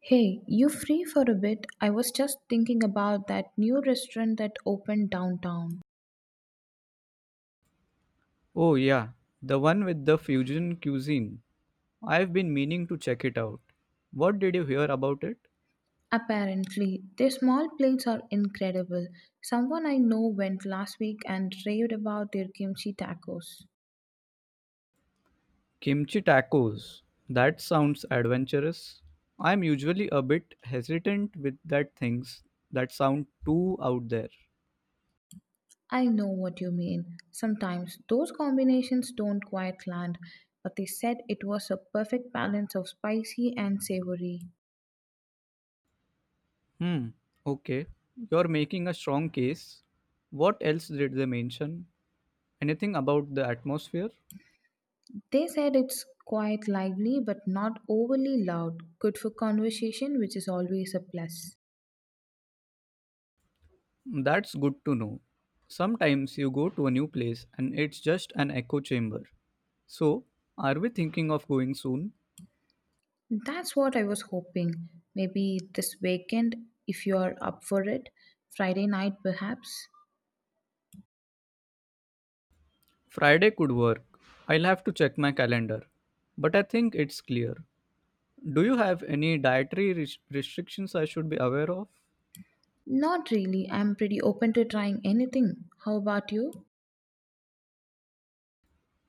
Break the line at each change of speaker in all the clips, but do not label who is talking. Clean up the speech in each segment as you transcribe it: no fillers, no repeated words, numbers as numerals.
Hey, you free for a bit? I was just thinking about that new restaurant that opened downtown.
Oh, yeah, the one with the fusion cuisine. I've been meaning to check it out. What did you hear about it?
Apparently, their small plates are incredible. Someone I know went last week and raved about their kimchi tacos.
Kimchi tacos. That sounds adventurous. I'm usually a bit hesitant with that things that sound too out there.
I know what you mean. Sometimes those combinations don't quite land, but they said it was a perfect balance of spicy and savory.
Hmm, okay. You're making a strong case. What else did they mention? Anything about the atmosphere?
They said it's quite lively but not overly loud, good for conversation, which is always a plus.
That's good to know. Sometimes you go to a new place and it's just an echo chamber. So, are we thinking of going soon?
That's what I was hoping. Maybe this weekend, if you're up for it. Friday night, perhaps?
Friday could work. I'll have to check my calendar. But I think it's clear. Do you have any dietary restrictions I should be aware of?
Not really. I'm pretty open to trying anything. How about you?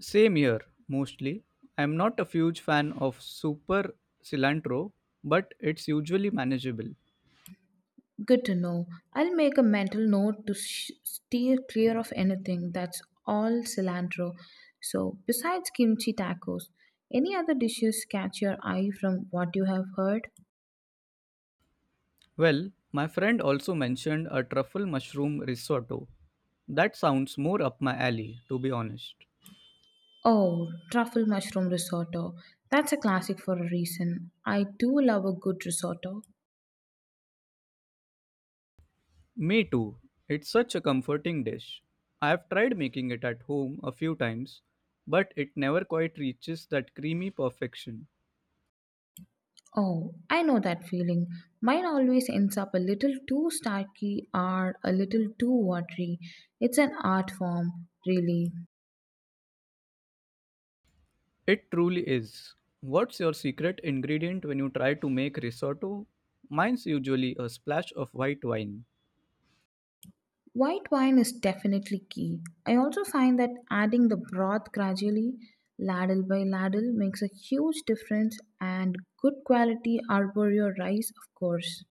Same here, mostly. I'm not a huge fan of super cilantro, but it's usually manageable.
Good to know. I'll make a mental note to steer clear of anything that's all cilantro. So, besides kimchi tacos, any other dishes catch your eye from what you have heard?
Well, my friend also mentioned a truffle mushroom risotto. That sounds more up my alley, to be honest.
Oh, truffle mushroom risotto. That's a classic for a reason. I do love a good risotto.
Me too. It's such a comforting dish. I have tried making it at home a few times, but it never quite reaches that creamy perfection.
Oh, I know that feeling. Mine always ends up a little too starky or a little too watery. It's an art form, really.
It truly is. What's your secret ingredient when you try to make risotto? Mine's usually a splash of white wine.
White wine is definitely key. I also find that adding the broth gradually, ladle by ladle, makes a huge difference, and good quality arborio rice, of course.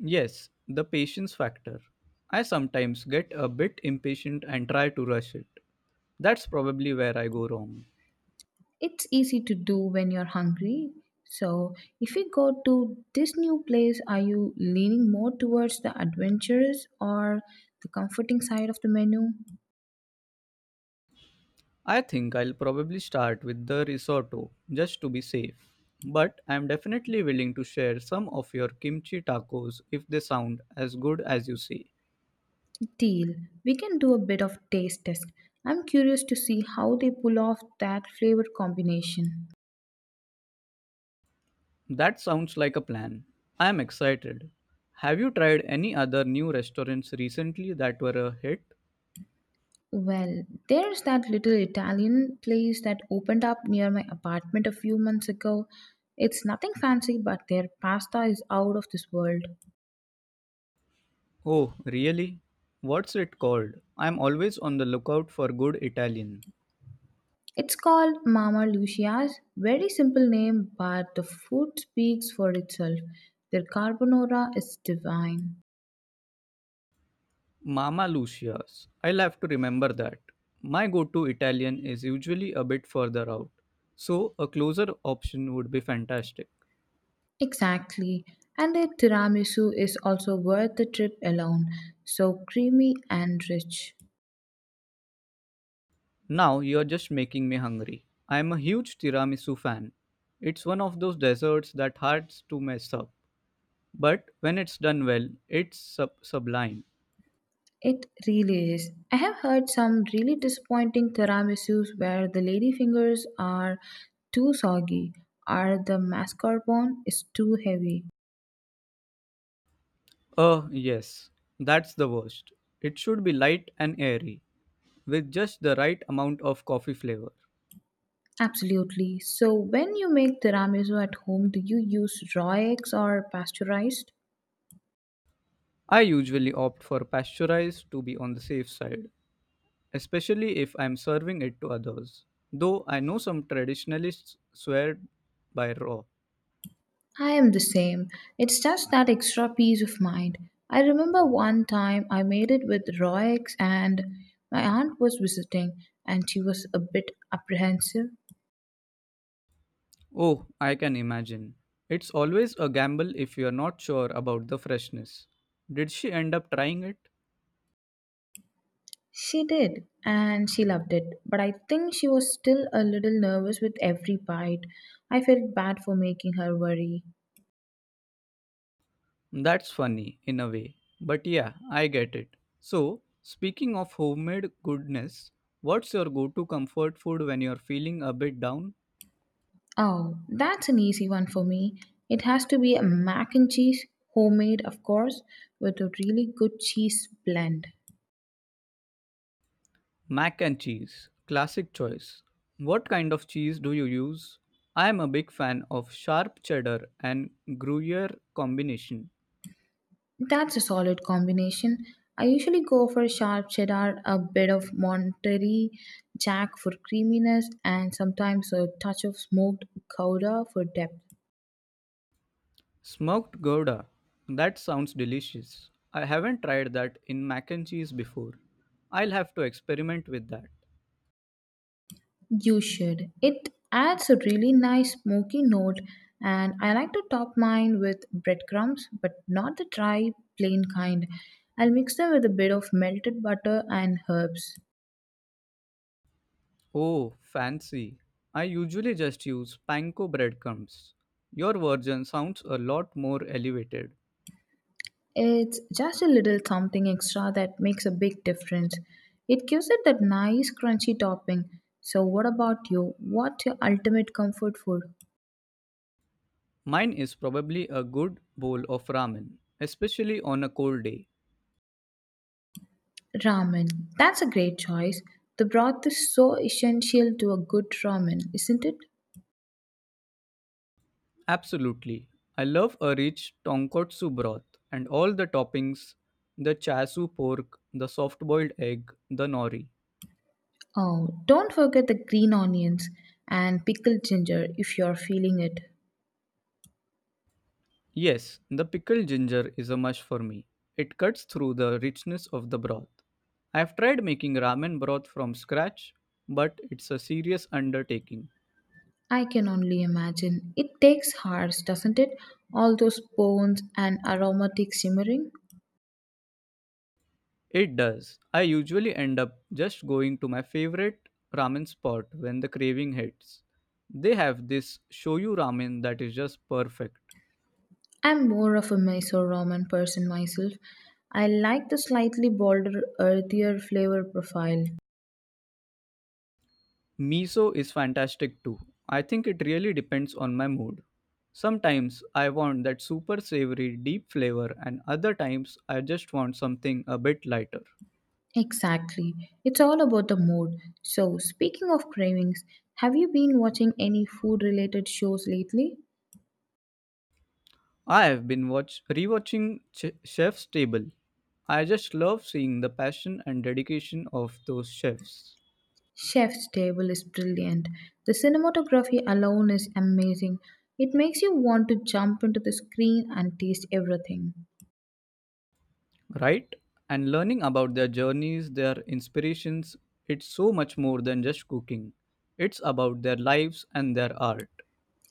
Yes, the patience factor. I sometimes get a bit impatient and try to rush it. That's probably where I go wrong.
It's easy to do when you're hungry. So, if you go to this new place, are you leaning more towards the adventurous or the comforting side of the menu?
I think I'll probably start with the risotto just to be safe. But I'm definitely willing to share some of your kimchi tacos if they sound as good as you say.
Deal. We can do a bit of taste test. I'm curious to see how they pull off that flavor combination.
That sounds like a plan. I'm excited. Have you tried any other new restaurants recently that were a hit?
Well, there's that little Italian place that opened up near my apartment a few months ago. It's nothing fancy, but their pasta is out of this world.
Oh, really? What's it called? I'm always on the lookout for good Italian.
It's called Mama Lucia's, very simple name, but the food speaks for itself. Their carbonara is divine.
Mama Lucia's. I'll have to remember that. My go to Italian is usually a bit further out, so a closer option would be fantastic.
Exactly. And their tiramisu is also worth the trip alone. So creamy and rich.
Now you're just making me hungry. I'm a huge tiramisu fan. It's one of those desserts that hard to mess up, but when it's done well, it's sublime.
It really is. I have heard some really disappointing tiramisus where the lady fingers are too soggy or the mascarpone is too heavy.
Oh, yes, that's the worst. It should be light and airy, with just the right amount of coffee flavor.
Absolutely. So, when you make tiramisu at home, do you use raw eggs or pasteurized?
I usually opt for pasteurized to be on the safe side, especially if I'm serving it to others. Though I know some traditionalists swear by raw.
I am the same. It's just that extra peace of mind. I remember one time I made it with raw eggs, and my aunt was visiting, and she was a bit apprehensive.
Oh, I can imagine. It's always a gamble if you're not sure about the freshness. Did she end up trying it?
She did, and she loved it, but I think she was still a little nervous with every bite. I felt bad for making her worry.
That's funny, in a way. But yeah, I get it. So, speaking of homemade goodness, what's your go to comfort food when you're feeling a bit down?
Oh, that's an easy one for me. It has to be a mac and cheese, homemade, of course, with a really good cheese blend.
Mac and cheese, classic choice. What kind of cheese do you use? I am a big fan of sharp cheddar and Gruyere combination.
That's a solid combination. I usually go for sharp cheddar, a bit of Monterey Jack for creaminess, and sometimes a touch of smoked gouda for depth.
Smoked Gouda, that sounds delicious. I haven't tried that in mac and cheese before. I'll have to experiment with that.
You should. It adds a really nice smoky note, and I like to top mine with breadcrumbs, but not the dry, plain kind. I'll mix them with a bit of melted butter and herbs.
Oh, fancy. I usually just use panko breadcrumbs. Your version sounds a lot more elevated.
It's just a little something extra that makes a big difference. It gives it that nice, crunchy topping. So, what about you? What's your ultimate comfort food?
Mine is probably a good bowl of ramen, especially on a cold day.
Ramen. That's a great choice. The broth is so essential to a good ramen, isn't it?
Absolutely. I love a rich tonkotsu broth and all the toppings the chasu pork, the soft boiled egg, the nori.
Oh, don't forget the green onions and pickled ginger if you're feeling it.
Yes, the pickled ginger is a must for me. It cuts through the richness of the broth. I've tried making ramen broth from scratch, but it's a serious undertaking.
I can only imagine. It takes hearts, doesn't it? All those bones and aromatic simmering.
It does. I usually end up just going to my favorite ramen spot when the craving hits. They have this shoyu ramen that is just perfect.
I'm more of a Mysore ramen person myself. I like the slightly bolder, earthier flavor profile.
Miso is fantastic too. I think it really depends on my mood. Sometimes I want that super savory, deep flavor, and other times I just want something a bit lighter.
Exactly. It's all about the mood. So, speaking of cravings, have you been watching any food related shows lately?
I have been watch rewatching Chef's Table. I just love seeing the passion and dedication of those chefs,
Chef's Table is brilliant. The cinematography alone is amazing. It makes you want to jump into the screen and taste everything.
right? And learning about their journeys, their inspirations. It's so much more than just cooking. It's about their lives and their art.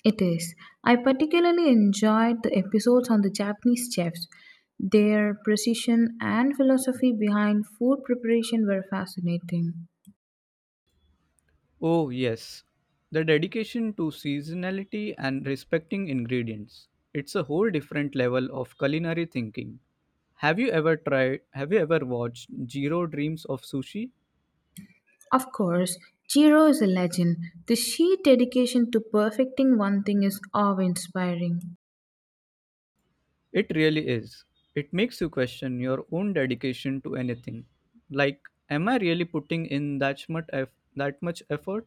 It is. I particularly enjoyed the episodes on the Japanese chefs. Their precision and philosophy behind food preparation were fascinating.
Oh, yes. The dedication to seasonality and respecting ingredients. It's a whole different level of culinary thinking. Have you ever watched Jiro Dreams of Sushi?
Of course, Jiro is a legend. The sheer dedication to perfecting one thing is awe inspiring.
It really is. It makes you question your own dedication to anything. Like, am I really putting in that much effort?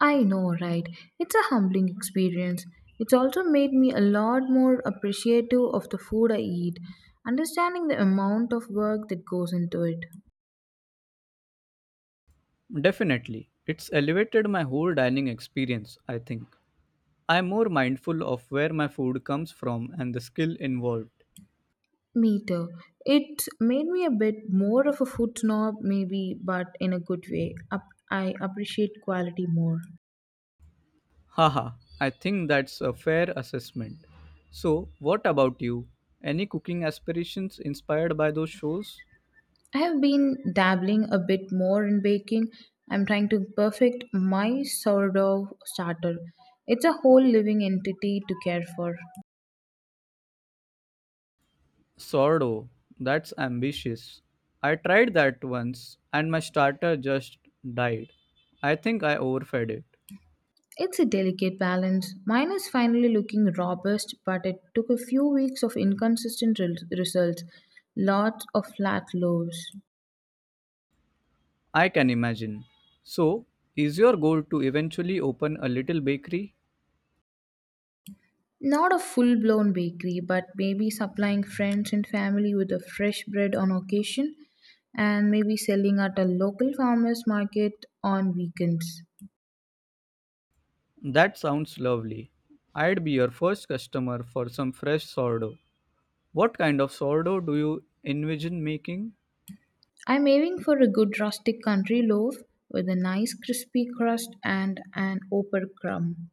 I know, right? It's a humbling experience. It's also made me a lot more appreciative of the food I eat, understanding the amount of work that goes into it.
Definitely. It's elevated my whole dining experience, I think. I'm more mindful of where my food comes from and the skill involved.
Me too. It made me a bit more of a food snob, maybe, but in a good way. I appreciate quality more.
Haha, I think that's a fair assessment. So, what about you? Any cooking aspirations inspired by those shows?
I have been dabbling a bit more in baking. I'm trying to perfect my sourdough starter. It's a whole living entity to care for.
Sordo, that's ambitious. I tried that once and my starter just died. I think I overfed it.
It's a delicate balance. Mine is finally looking robust, but it took a few weeks of inconsistent results, lots of flat loaves.
I can imagine. So, is your goal to eventually open a little bakery?
Not a full blown bakery, but maybe supplying friends and family with a fresh bread on occasion, and maybe selling at a local farmers market on weekends.
That sounds lovely. I'd be your first customer for some fresh sourdough. What kind of sourdough do you envision making?
I'm aiming for a good rustic country loaf with a nice crispy crust and an upper crumb.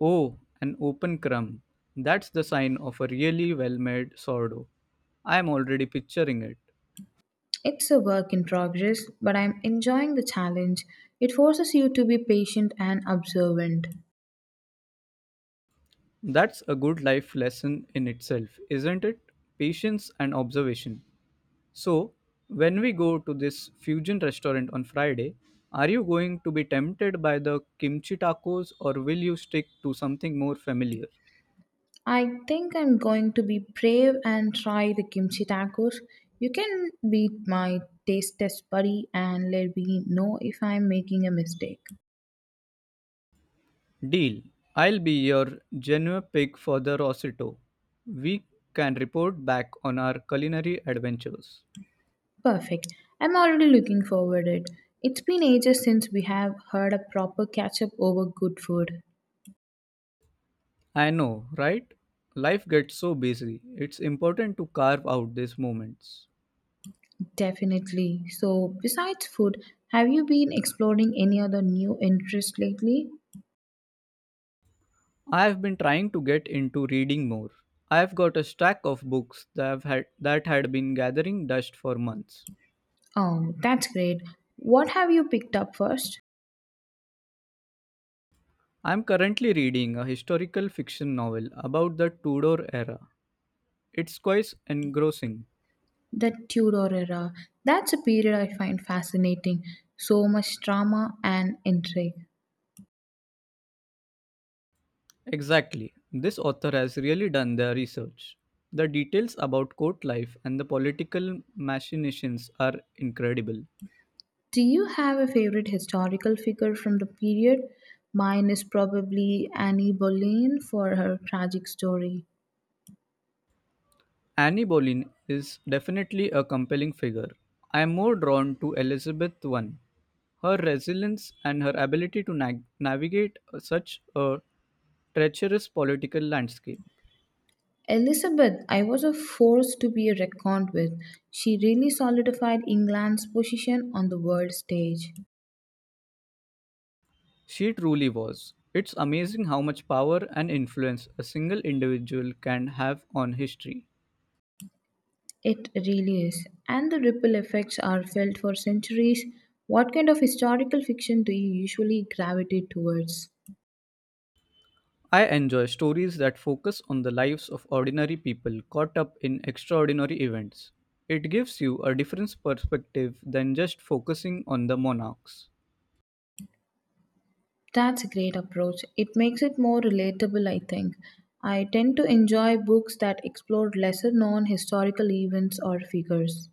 Oh, an open crumb. That's the sign of a really well made sourdough. I am already picturing it.
It's a work in progress, but I'm enjoying the challenge. It forces you to be patient and observant.
That's a good life lesson in itself, isn't it? Patience and observation. So, when we go to this fusion restaurant on Friday, are you going to be tempted by the kimchi tacos or will you stick to something more familiar?
I think I'm going to be brave and try the kimchi tacos. You can be my taste test buddy and let me know if I'm making a mistake.
Deal. I'll be your genuine pick for the Rossito. We can report back on our culinary adventures.
Perfect. I'm already looking forward it. It's been ages since we have heard a proper catch up over good food.
I know, right? Life gets so busy. It's important to carve out these moments.
Definitely. So, besides food, have you been exploring any other new interests lately?
I have been trying to get into reading more. I have got a stack of books that have had that had been gathering dust for months.
Oh, that's great. What have you picked up first?
I am currently reading a historical fiction novel about the Tudor era. It's quite engrossing.
The Tudor era. That's a period I find fascinating. So much drama and intrigue.
Exactly. This author has really done their research. The details about court life and the political machinations are incredible.
Do you have a favorite historical figure from the period? Mine is probably Annie Boleyn for her tragic story.
Annie Boleyn is definitely a compelling figure. I am more drawn to Elizabeth I. Her resilience and her ability to navigate such a treacherous political landscape.
Elizabeth, I was a force to be reckoned with. She really solidified England's position on the world stage.
She truly was. It's amazing how much power and influence a single individual can have on history.
It really is. And the ripple effects are felt for centuries. What kind of historical fiction do you usually gravitate towards?
I enjoy stories that focus on the lives of ordinary people caught up in extraordinary events. It gives you a different perspective than just focusing on the monarchs.
That's a great approach. It makes it more relatable, I think. I tend to enjoy books that explore lesser known historical events or figures.